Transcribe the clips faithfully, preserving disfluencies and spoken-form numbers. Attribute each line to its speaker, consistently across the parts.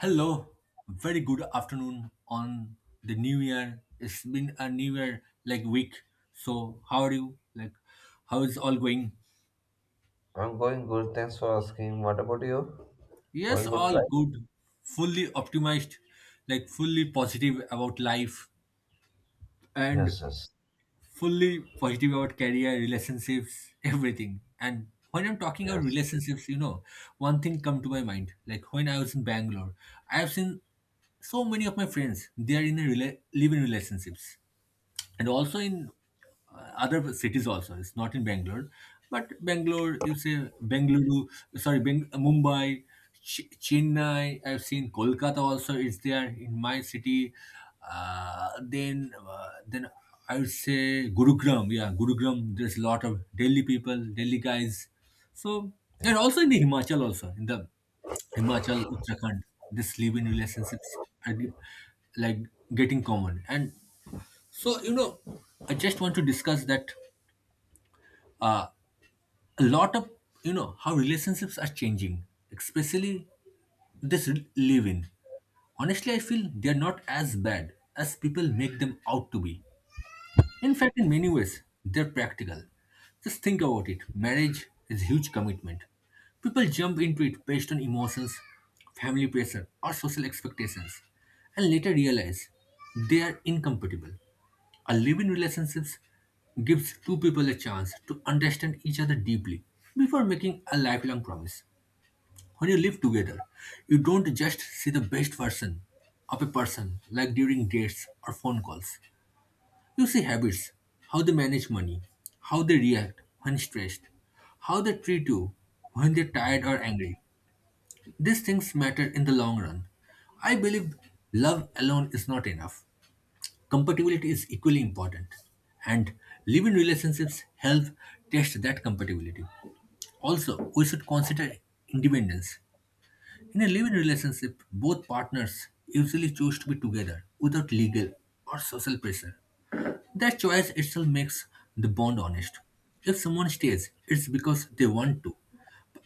Speaker 1: Hello, very good afternoon on the new year. It's been a new year like week. So how are you? Like how is all going?
Speaker 2: I'm going good. Thanks for asking. What about you?
Speaker 1: Yes,
Speaker 2: Going good,
Speaker 1: all
Speaker 2: right?
Speaker 1: good. Fully optimized, like fully positive about life and
Speaker 2: Yes, yes,
Speaker 1: fully positive about career, relationships, everything. And when I'm talking about
Speaker 2: yes,
Speaker 1: relationships, you know, one thing come to my mind. Like when I was in Bangalore, I have seen so many of my friends they are in a rela- live in relationships, and also in uh, other cities also, it's not in Bangalore, but Bangalore you say Bengaluru, sorry. Beng- mumbai, Ch- chennai, I've seen Kolkata also is there in my city. uh, then uh, then I would say Gurugram, yeah, Gurugram, there's a lot of Delhi people, Delhi guys. So
Speaker 2: yeah.
Speaker 1: and also in the Himachal, also in the Himachal, Uttarakhand, this live in relationships are ge- like getting common. And so, you know, I just want to discuss that uh, a lot of, you know, how relationships are changing, especially this re- live in. Honestly, I feel they're not as bad as people make them out to be. In fact, in many ways, they're practical. Just think about it, marriage is a huge commitment. People jump into it based on emotions, family pressure, or social expectations, and later realize they are incompatible. A living relationship gives two people a chance to understand each other deeply before making a lifelong promise. When you live together, you don't just see the best version of a person like during dates or phone calls. You see habits, how they manage money, how they react when stressed, how they treat you when they're tired or angry. These things matter in the long run. I believe love alone is not enough. Compatibility is equally important. And living relationships help test that compatibility. Also, we should consider independence. In a living relationship, both partners usually choose to be together without legal or social pressure. That choice itself makes the bond honest. If someone stays, it's because they want to,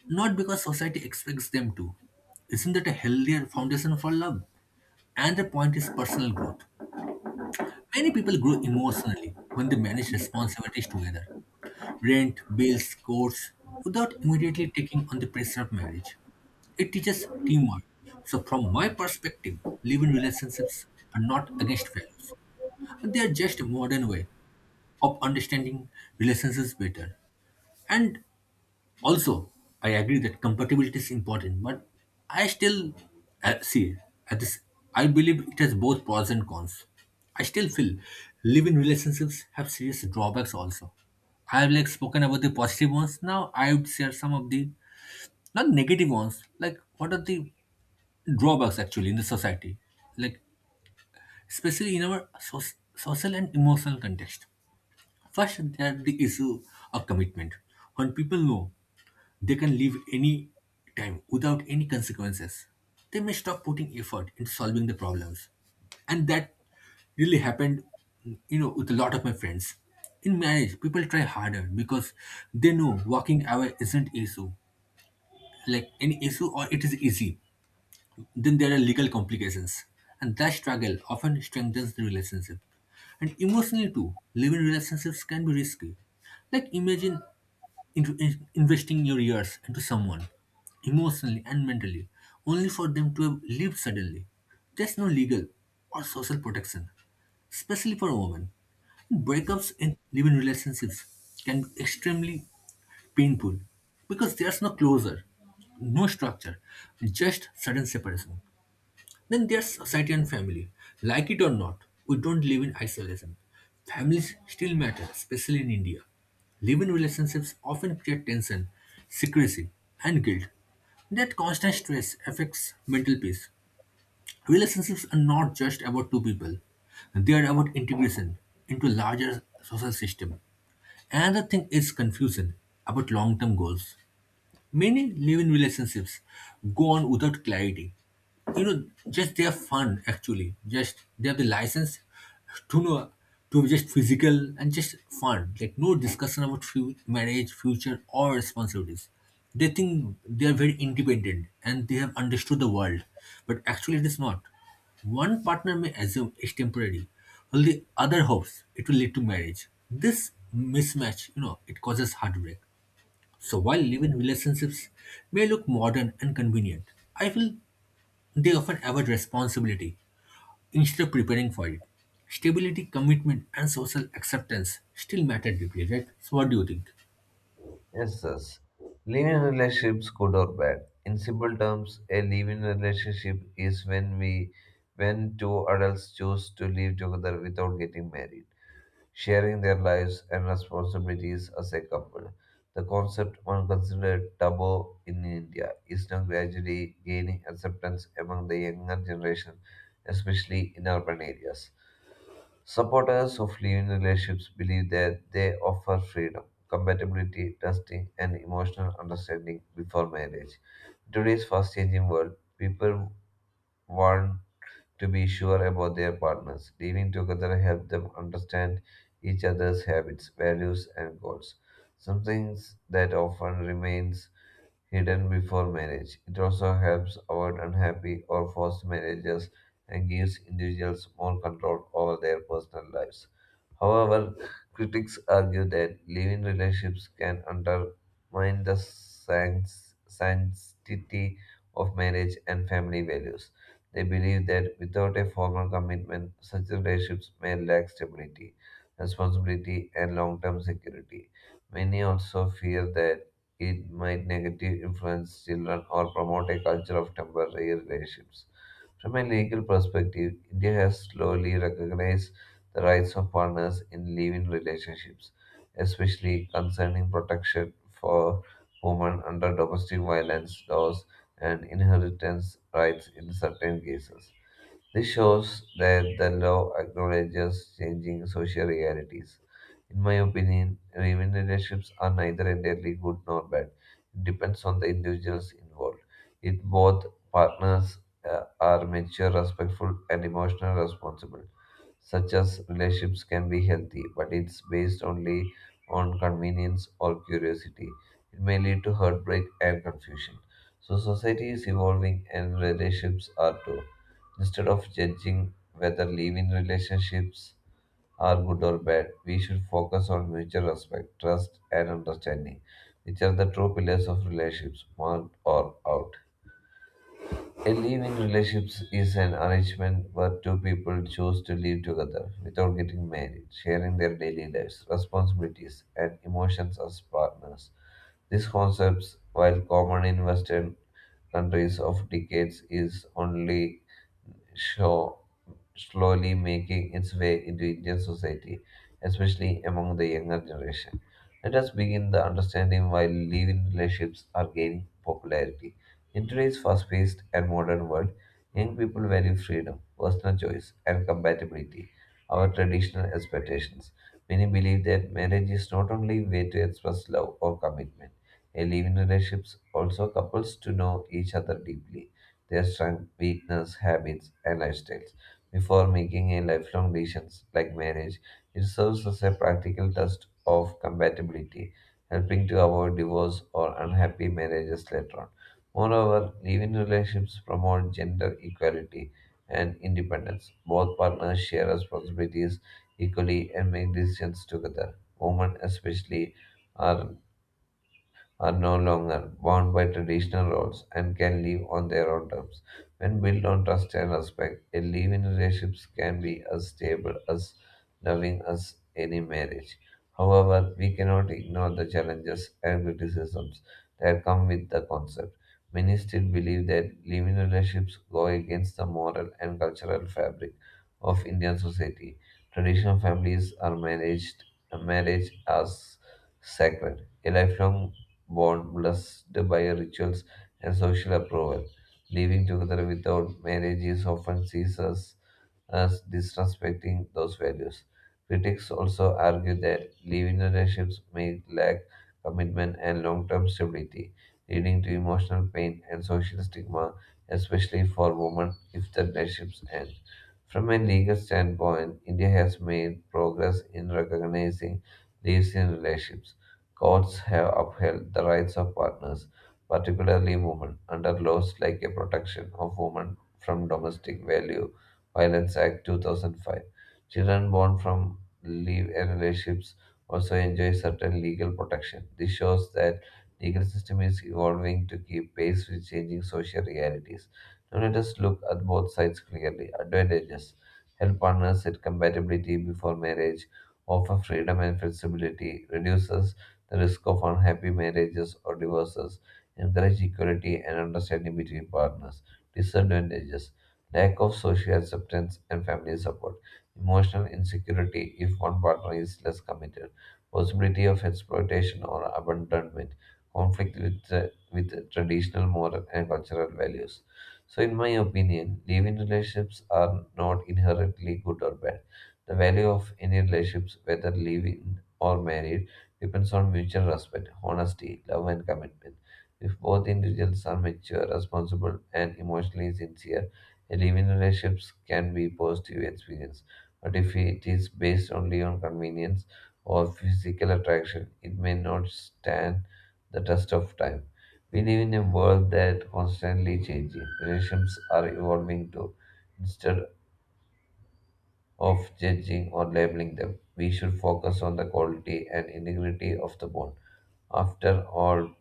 Speaker 1: not because society expects them to. Isn't that a healthier foundation for love? And the point is personal growth. Many people grow emotionally when they manage responsibilities together, rent, bills, course, without immediately taking on the pressure of marriage. It teaches teamwork. So, from my perspective, living relationships are not against values. They are just a modern way of understanding relationships better. And also, I agree that compatibility is important, but I still uh, see at this. I believe it has both pros and cons. I still feel living relationships have serious drawbacks also. I have like spoken about the positive ones. Now I would share some of the not negative ones. Like what are the drawbacks actually in the society? Like especially in our soc- social and emotional context. First, there's the issue of commitment. When people know they can leave any time without any consequences, they may stop putting effort into solving the problems. And that really happened, you know, with a lot of my friends. In marriage, people try harder because they know walking away isn't issue, like any issue or it is easy. Then there are legal complications, and that struggle often strengthens the relationship. And emotionally, too, living relationships can be risky. Like, imagine in- in- investing your years into someone, emotionally and mentally, only for them to have lived suddenly. There's no legal or social protection, especially for a woman. Breakups in living relationships can be extremely painful because there's no closure, no structure, just sudden separation. Then there's society and family. Like it or not, we don't live in isolation. Families still matter, especially in India. Living relationships often create tension, secrecy, and guilt. That constant stress affects mental peace. Relationships are not just about two people. They are about integration into larger social system. Another thing is confusion about long-term goals. Many live-in relationships go on without clarity. You know, just they are fun actually. Just they have the license to know to be just physical and just fun. Like no discussion about fu- marriage, future, or responsibilities. They think they are very independent and they have understood the world, but actually it is not. One partner may assume it's temporary, while the other hopes it will lead to marriage. This mismatch, you know, it causes heartbreak. So while live-in relationships may look modern and convenient, I feel they often avoid responsibility instead of preparing for it. Stability, commitment, and social acceptance still matter deeply, right? So what do you think?
Speaker 2: Yes, yes. Living relationships, good or bad. In simple terms, a living relationship is when we, when two adults choose to live together without getting married, sharing their lives and responsibilities as a couple. The concept, once considered taboo in India, is now gradually gaining acceptance among the younger generation, especially in urban areas. Supporters of living relationships believe that they offer freedom, compatibility, trusting, and emotional understanding before marriage. In today's fast changing world, people want to be sure about their partners. Living together helps them understand each other's habits, values, and goals, something that often remains hidden before marriage. It also helps avoid unhappy or forced marriages and gives individuals more control over their personal lives. However, critics argue that living relationships can undermine the sans- sanctity of marriage and family values. They believe that without a formal commitment, such relationships may lack stability, responsibility, and long term security. Many also fear that it might negatively influence children or promote a culture of temporary relationships. From a legal perspective, India has slowly recognized the rights of partners in living relationships, especially concerning protection for women under domestic violence laws and inheritance rights in certain cases. This shows that the law acknowledges changing social realities. In my opinion, relationships are neither entirely good nor bad. It depends on the individuals involved. If both partners uh, are mature, respectful, and emotionally responsible, such as relationships can be healthy, but it's based only on convenience or curiosity. It may lead to heartbreak and confusion. So, society is evolving and relationships are too. Instead of judging whether live in relationships are good or bad. We should focus on mutual respect, trust, and understanding, which are the true pillars of relationships, marked or out. A live-in relationship is an arrangement where two people choose to live together without getting married, sharing their daily lives, responsibilities, and emotions as partners. These concepts, while common in Western countries of decades, is only show slowly making its way into Indian society, especially among the younger generation. Let us begin the understanding why live-in relationships are gaining popularity. In today's fast-paced and modern world, young people value freedom, personal choice, and compatibility, our traditional expectations. Many believe that marriage is not only a way to express love or commitment, a live-in relationships also couples to know each other deeply their strengths, weakness, habits, and lifestyles before making a lifelong decisions like marriage. It serves as a practical test of compatibility, helping to avoid divorce or unhappy marriages later on. Moreover, living relationships promote gender equality and independence. Both partners share responsibilities equally and make decisions together. Women, especially, are are no longer bound by traditional roles and can live on their own terms. When built on trust and respect, a live in relationships can be as stable, as loving as any marriage. However, we cannot ignore the challenges and criticisms that come with the concept. Many still believe that living relationships go against the moral and cultural fabric of Indian society. Traditional families are managed marriage as sacred. A lifelong bond blessed by rituals and social approval. Living together without marriage is often sees us as disrespecting those values. Critics also argue that living relationships may lack commitment and long-term stability, leading to emotional pain and social stigma, especially for women if the relationships end. From a legal standpoint, India has made progress in recognizing lives in relationships. Courts have upheld the rights of partners, particularly women, under laws like a Protection of Women from Domestic Value Violence Act two thousand five. Children born from live relationships also enjoy certain legal protection. This shows that legal system is evolving to keep pace with changing social realities. Now let us look at both sides clearly. Advantages: help partners set compatibility before marriage, offer freedom and flexibility, reduces the risk of unhappy marriages or divorces, encourage equality and understanding between partners. Disadvantages lack of social acceptance and family support, emotional insecurity if one partner is less committed, possibility of exploitation or abandonment, conflict with, tra- with traditional moral and cultural values. So, in my opinion, living relationships are not inherently good or bad. The value of any relationships, whether living or married, depends on mutual respect, honesty, love, and commitment. If both individuals are mature, responsible, and emotionally sincere, a living relationships can be positive experience. But if it is based only on convenience or physical attraction, it may not stand the test of time. We live in a world that constantly changing. Relationships are evolving too. Instead of judging or labeling them. We should focus on the quality and integrity of the bond. After all,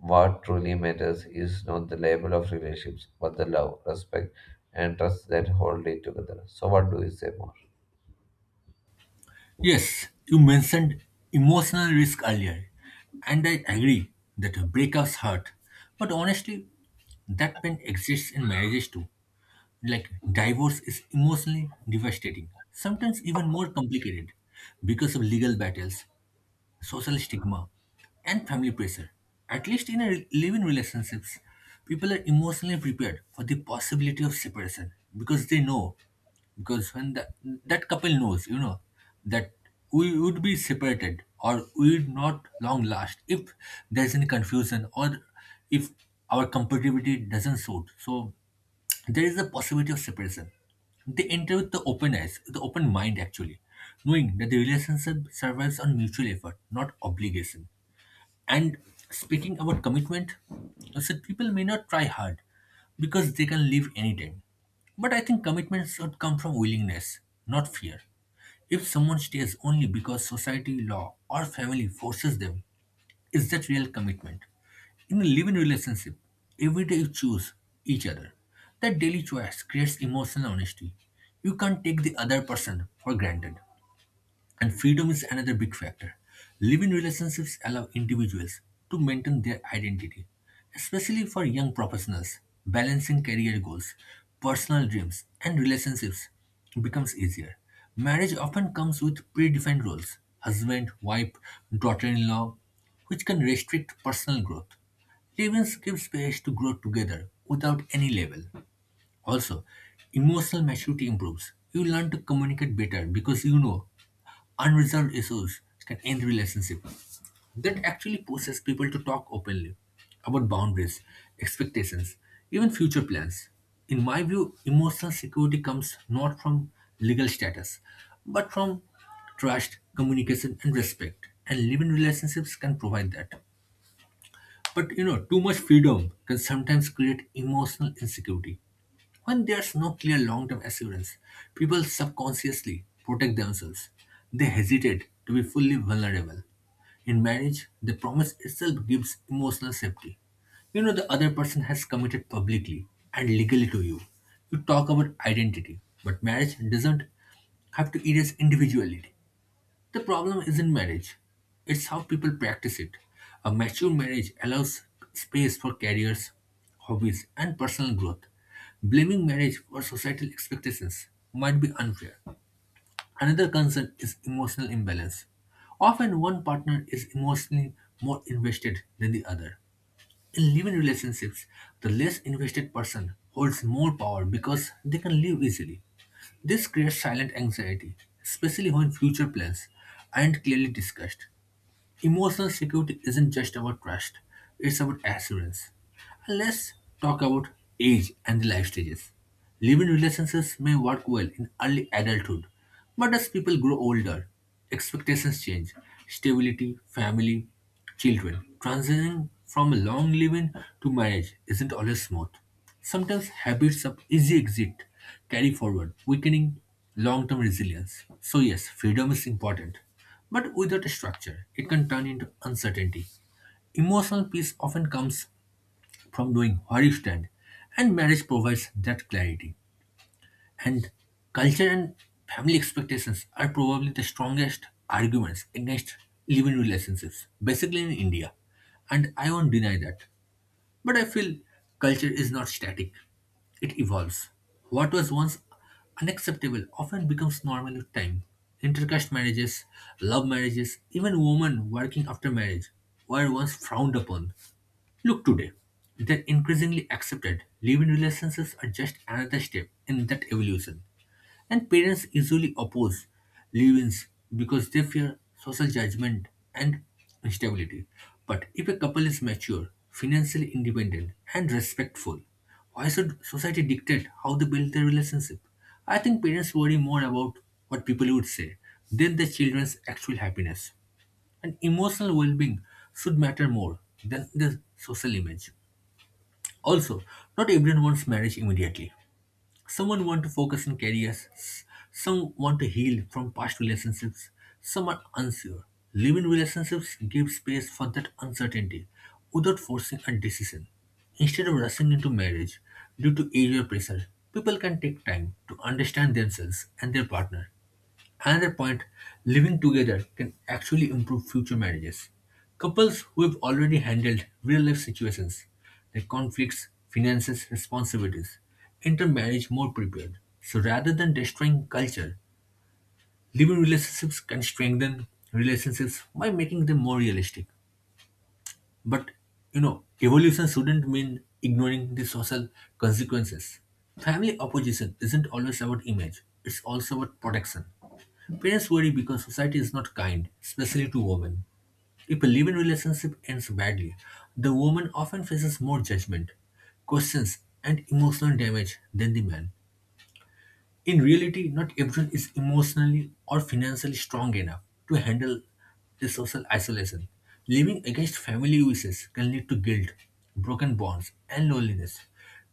Speaker 2: what truly matters is not the label of relationships, but the love, respect, and trust that hold it together. So, what do you say more?
Speaker 1: Yes, you mentioned emotional risk earlier, and I agree that breakups hurt. But honestly, that pain exists in marriages too. Like divorce is emotionally devastating, sometimes even more complicated because of legal battles, social stigma, and family pressure. At least in a re- living relationships, people are emotionally prepared for the possibility of separation because they know, because when the, that couple knows, you know, that we would be separated or we would not long last if there's any confusion or if our compatibility doesn't suit. So there is a possibility of separation. They enter with the open eyes, with the open mind actually, knowing that the relationship survives on mutual effort, not obligation. And speaking about commitment, I said people may not try hard because they can leave anytime. But I think commitment should come from willingness, not fear. If someone stays only because society, law, or family forces them, is that real commitment? In a living relationship, every day you choose each other. That daily choice creates emotional honesty. You can't take the other person for granted. And freedom is another big factor. Living relationships allow individuals to maintain their identity, especially for young professionals. Balancing career goals, personal dreams, and relationships becomes easier. Marriage often comes with predefined roles, husband, wife, daughter in law, which can restrict personal growth. Living gives space to grow together without any label. Also, emotional maturity improves. You learn to communicate better because you know unresolved issues can end relationships. That actually pushes people to talk openly about boundaries, expectations, even future plans. In my view, emotional security comes not from legal status, but from trust, communication, and respect. And living relationships can provide that. But you know, too much freedom can sometimes create emotional insecurity. When there's no clear long term assurance, people subconsciously protect themselves. They hesitate to be fully vulnerable. In marriage, the promise itself gives emotional safety. You know the other person has committed publicly and legally to you. You talk about identity, but marriage doesn't have to erase individuality. The problem isn't marriage, it's how people practice it. A mature marriage allows space for careers, hobbies, and personal growth. Blaming marriage for societal expectations might be unfair. Another concern is emotional imbalance. Often one partner is emotionally more invested than the other. In living relationships, the less invested person holds more power because they can leave easily. This creates silent anxiety, especially when future plans aren't clearly discussed. Emotional security isn't just about trust, it's about assurance. And let's talk about age and the life stages. Living relationships may work well in early adulthood, but as people grow older, expectations change. Stability, family, children. Transitioning from a long living to marriage isn't always smooth. Sometimes habits of easy exit carry forward, weakening long-term resilience. So yes, freedom is important. But without a structure, it can turn into uncertainty. Emotional peace often comes from knowing where you stand, and marriage provides that clarity. And culture and family expectations are probably the strongest arguments against living relationships, basically in India. And I won't deny that. But I feel culture is not static, it evolves. What was once unacceptable often becomes normal with time. Intercaste marriages, love marriages, even women working after marriage were once frowned upon. Look today, they're increasingly accepted. Live-in relationships are just another step in that evolution. And parents usually oppose leave-ins because they fear social judgment and instability. But if a couple is mature, financially independent, and respectful, why should society dictate how they build their relationship? I think parents worry more about what people would say than their children's actual happiness, and emotional well-being should matter more than the social image. Also, not everyone wants marriage immediately. Someone want to focus on careers, s- some want to heal from past relationships, some are unsure. Living relationships give space for that uncertainty without forcing a decision. Instead of rushing into marriage due to age or pressure, people can take time to understand themselves and their partner. Another point, living together can actually improve future marriages. Couples who have already handled real life situations, their conflicts, finances, responsibilities, enter marriage more prepared. So rather than destroying culture, living relationships can strengthen relationships by making them more realistic. But you know, evolution shouldn't mean ignoring the social consequences. Family opposition isn't always about image, it's also about protection. Parents worry because society is not kind, especially to women. If a living relationship ends badly, the woman often faces more judgment, questions, and emotional damage than the man. In reality, not everyone is emotionally or financially strong enough to handle the social isolation. Living against family wishes can lead to guilt, broken bonds, and loneliness.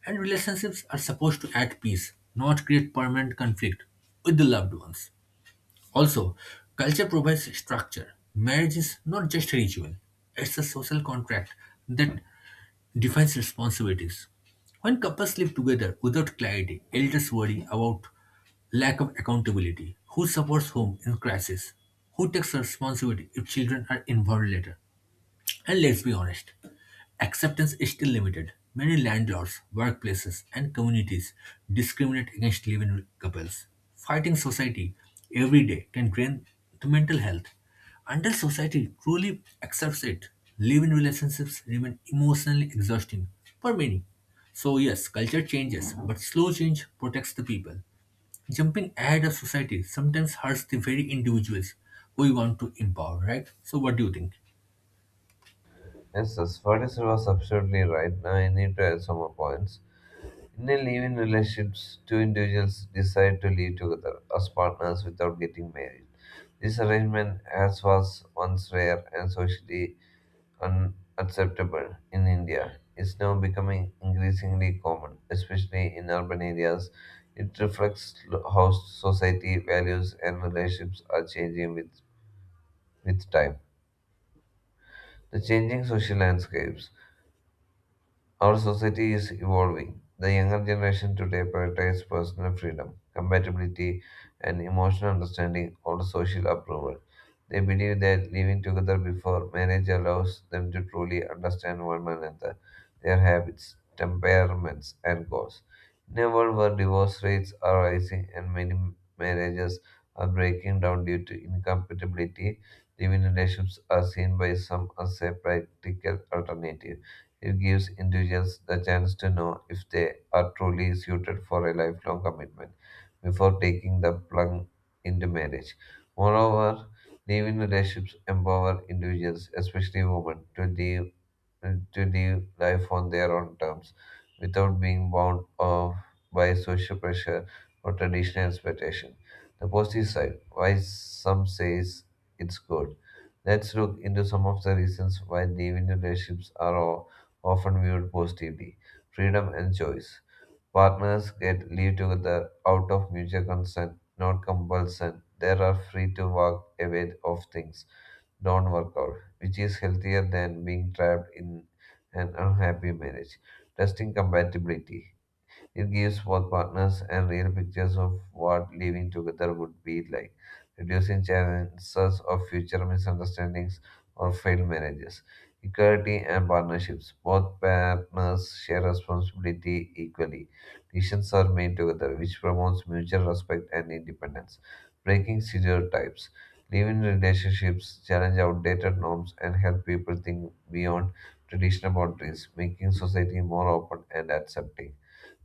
Speaker 1: And relationships are supposed to add peace, not create permanent conflict with the loved ones. Also, culture provides structure. Marriage is not just a ritual, it's a social contract that defines responsibilities. When couples live together without clarity, elders worry about lack of accountability, who supports whom in crisis, who takes responsibility if children are involved later. And let's be honest, acceptance is still limited. Many landlords, workplaces, and communities discriminate against living couples. Fighting society every day can drain to mental health. Until society truly accepts it, living relationships remain emotionally exhausting for many. So, yes, culture changes, but slow change protects the people. Jumping ahead of society sometimes hurts the very individuals we want to empower, right? So, what do you think?
Speaker 2: Yes, yes, what is was absolutely right. Now, I need to add some more points. In a living relationships, two individuals decide to live together as partners without getting married. This arrangement, as was once rare and socially unacceptable in India is now becoming increasingly common, especially in urban areas. It reflects how society values and relationships are changing with, with time. The changing social landscapes. Our society is evolving. The younger generation today prioritizes personal freedom, compatibility, and emotional understanding over social approval. They believe that living together before marriage allows them to truly understand one another, their habits, temperaments, and goals. In a world where divorce rates are rising and many marriages are breaking down due to incompatibility, living relationships are seen by some as a practical alternative. It gives individuals the chance to know if they are truly suited for a lifelong commitment before taking the plunge into marriage. Moreover, live-in relationships empower individuals, especially women, to live to live life on their own terms without being bound of by social pressure or traditional expectation. The positive side, why some says it's good. Let's look into some of the reasons why living relationships are often viewed positively freedom and choice. Partners get live together out of mutual consent, not compulsion. They are free to walk away of things don't work out, which is healthier than being trapped in an unhappy marriage. Testing compatibility. It gives both partners and real pictures of what living together would be like, reducing chances of future misunderstandings or failed marriages. Equality and partnerships. Both partners share responsibility equally. Decisions are made together, which promotes mutual respect and independence. Breaking stereotypes. Live-in relationships challenge outdated norms and help people think beyond traditional boundaries, making society more open and accepting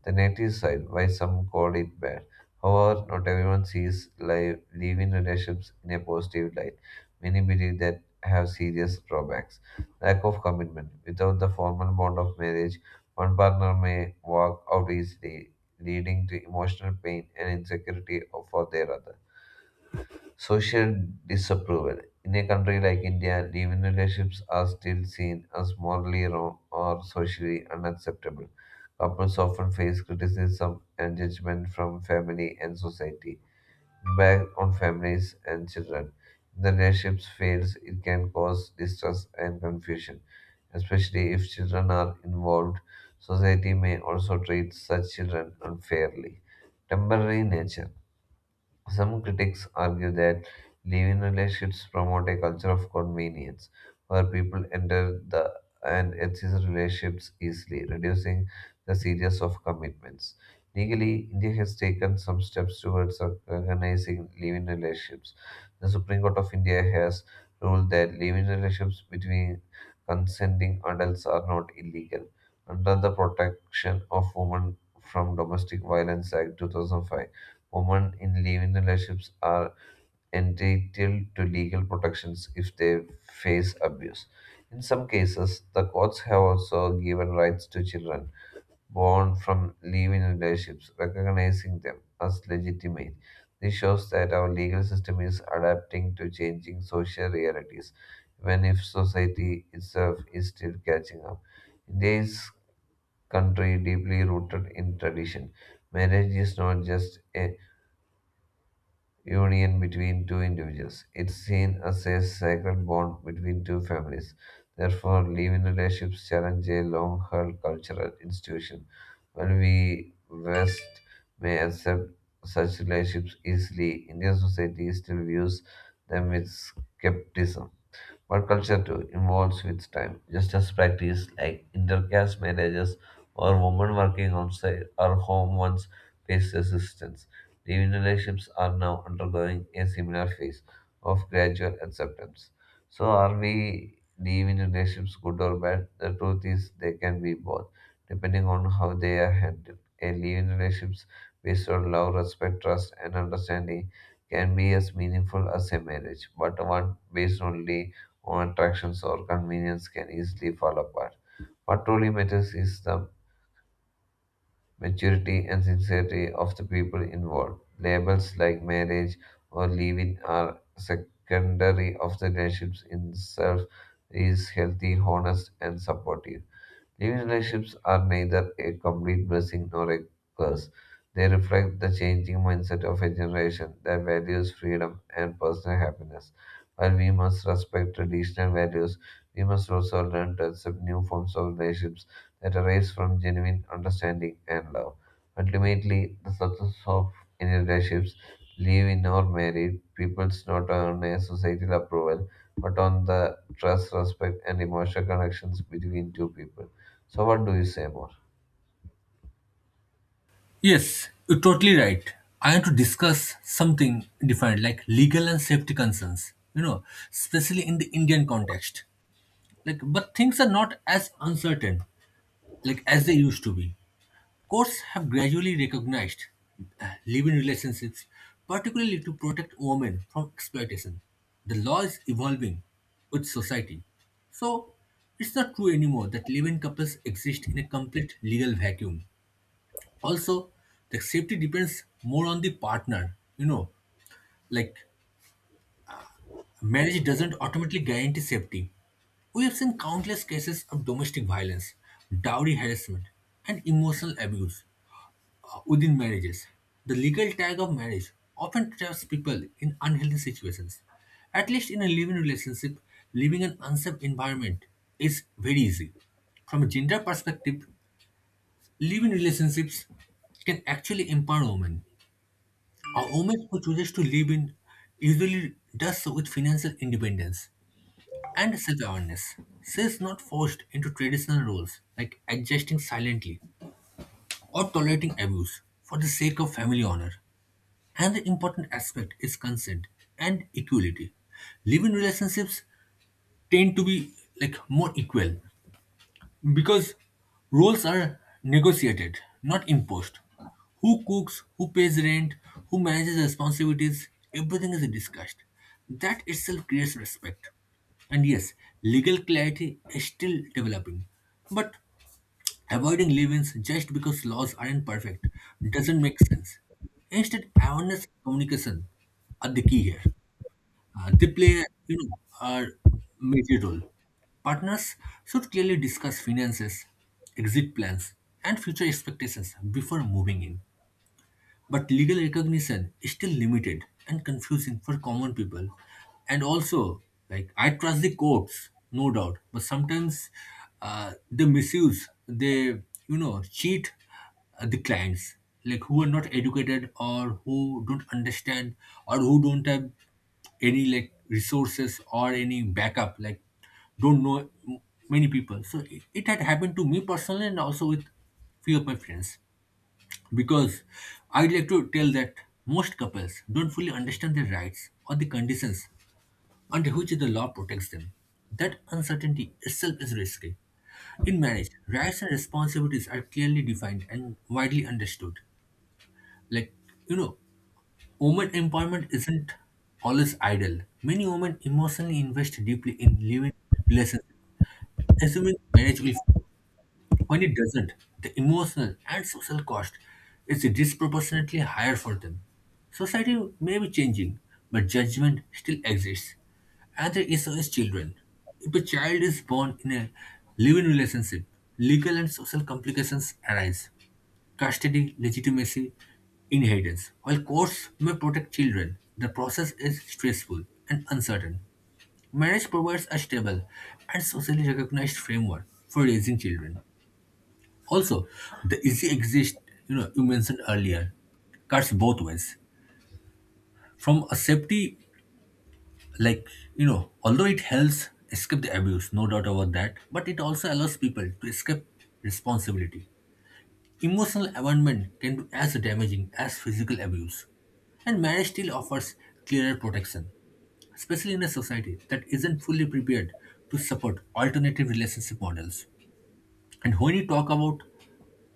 Speaker 2: the negative side, why some call it bad. However, not everyone sees life, living relationships in a positive light. Many believe that have serious drawbacks. Lack of commitment. Without the formal bond of marriage, one partner may walk out easily, leading to emotional pain and insecurity for their other Social disapproval. In a country like India, live-in relationships are still seen as morally wrong or socially unacceptable. Couples often face criticism and judgment from family and society, back on families and children. If the relationships fails, it can cause distress and confusion, especially if children are involved. Society may also treat such children unfairly. Temporary nature. Some critics argue that live-in relationships promote a culture of convenience, where people enter the and exit relationships easily, reducing the seriousness of commitments. Legally, India has taken some steps towards recognizing live-in relationships. The Supreme Court of India has ruled that live-in relationships between consenting adults are not illegal under the Protection of Women from Domestic Violence Act two thousand five. Women in living relationships are entitled to legal protections if they face abuse. In some cases, the courts have also given rights to children born from living relationships, recognizing them as legitimate. This shows that our legal system is adapting to changing social realities, even if society itself is still catching up. India is country deeply rooted in tradition. Marriage is not just a union between two individuals. It's seen as a sacred bond between two families. Therefore, living relationships challenge a long held cultural institution. While we West may accept such relationships easily, Indian society still views them with skepticism but culture too evolves with time, just as practice like intercaste marriages or women working outside our home once faced resistance. Living relationships are now undergoing a similar phase of gradual acceptance. So, are we living relationships good or bad? The truth is, they can be both, depending on how they are handled. A living relationships based on love, respect, trust, and understanding can be as meaningful as a marriage, but one based only or attractions or convenience can easily fall apart. What truly matters is the maturity and sincerity of the people involved. Labels like marriage or leaving are secondary of the relationships in itself is healthy, honest and supportive. Living relationships are neither a complete blessing nor a curse. They reflect the changing mindset of a generation that values freedom and personal happiness. While we must respect traditional values, we must also learn to accept new forms of relationships that arise from genuine understanding and love. Ultimately, the success of any relationships, live in or married, people's not on a societal approval, but on the trust, respect, and emotional connections between two people. So what do you say more?
Speaker 1: Yes, you're totally right. I want to discuss something different, like legal and safety concerns, you know, especially in the Indian context. Like, but things are not as uncertain, like as they used to be. Courts have gradually recognized uh, live-in relationships, particularly to protect women from exploitation. The law is evolving with society, so it's not true anymore that live-in couples exist in a complete legal vacuum. Also, the safety depends more on the partner. You know, like marriage doesn't automatically guarantee safety. We have seen countless cases of domestic violence, dowry harassment, and emotional abuse uh, within marriages. The legal tag of marriage often traps people in unhealthy situations. At least in a living relationship, living an unsafe environment is very easy. From a gender perspective, living relationships can actually empower women. A woman who chooses to live in usually does so with financial independence and self awareness. She is not forced into traditional roles like adjusting silently or tolerating abuse for the sake of family honor. Another important aspect is consent and equality. Living relationships tend to be like more equal. Because roles are negotiated, not imposed. Who cooks, who pays rent, who manages responsibilities, everything is discussed. That itself creates respect. And yes, legal clarity is still developing. But avoiding leave ins just because laws aren't perfect doesn't make sense. Instead, awareness and communication are the key here. Uh, they play, you know, a major role. Partners should clearly discuss finances, exit plans, and future expectations before moving in. But legal recognition is still limited and confusing for common people. And also, like, I trust the courts, no doubt, but sometimes uh, they misuse, they, you know, cheat uh, the clients, like, who are not educated or who don't understand or who don't have any, like, resources or any backup, like, don't know m- many people. So it, it had happened to me personally and also with few of my friends. Because I'd like to tell that most couples don't fully understand their rights or the conditions under which the law protects them. That uncertainty itself is risky. In marriage, rights and responsibilities are clearly defined and widely understood. Like, you know, woman empowerment isn't always idle. Many women emotionally invest deeply in living relationships, assuming marriage will. When it doesn't, the emotional and social cost is disproportionately higher for them. Society may be changing, but judgment still exists. Another issue is children. If a child is born in a living relationship, legal and social complications arise. Custody, legitimacy, inheritance. While courts may protect children, the process is stressful and uncertain. Marriage provides a stable and socially recognized framework for raising children. Also, the easy exist, you know, you mentioned earlier, cuts both ways. From a safety, like, you know, although it helps escape the abuse, no doubt about that, but it also allows people to escape responsibility. Emotional abandonment can be as damaging as physical abuse. And marriage still offers clearer protection, especially in a society that isn't fully prepared to support alternative relationship models. And when you talk about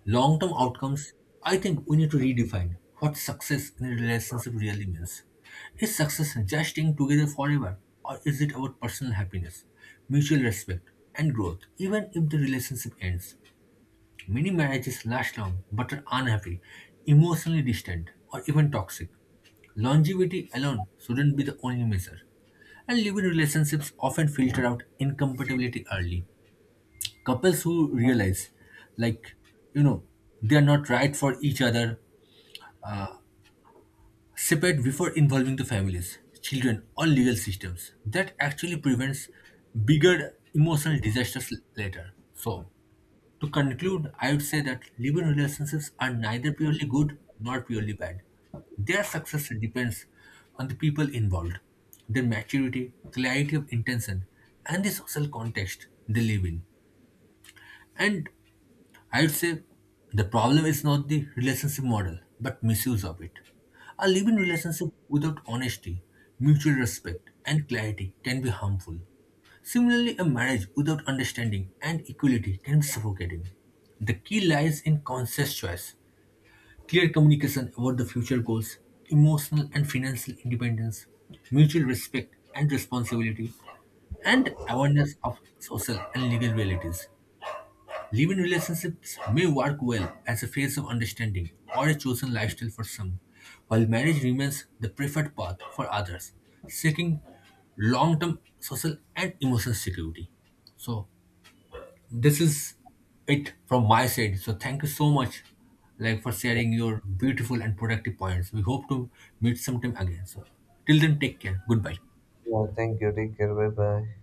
Speaker 1: long-term outcomes, I think we need to redefine what success in a relationship really means. Is success just staying together forever, or is it about personal happiness, mutual respect, and growth, even if the relationship ends? Many marriages last long but are unhappy, emotionally distant, or even toxic. Longevity alone shouldn't be the only measure. And living relationships often filter out incompatibility early. Couples who realize, like, you know, they are not right for each other separate before involving the families, children, or legal systems. That actually prevents bigger emotional disasters l- later. So, to conclude, I would say that living relationships are neither purely good nor purely bad. Their success depends on the people involved, their maturity, clarity of intention, and the social context they live in. And I'd say the problem is not the relationship model, but misuse of it. A living relationship without honesty, mutual respect, and clarity can be harmful. Similarly, a marriage without understanding and equality can be suffocating. The key lies in conscious choice, clear communication about the future goals, emotional and financial independence, mutual respect and responsibility, and awareness of social and legal realities. Live-in relationships may work well as a phase of understanding or a chosen lifestyle for some, while marriage remains the preferred path for others, seeking long-term social and emotional security. So this is it from my side. So thank you so much like for sharing your beautiful and productive points. We hope to meet sometime again. So till then take care. Goodbye.
Speaker 2: Yeah, thank you. Take care. Bye bye.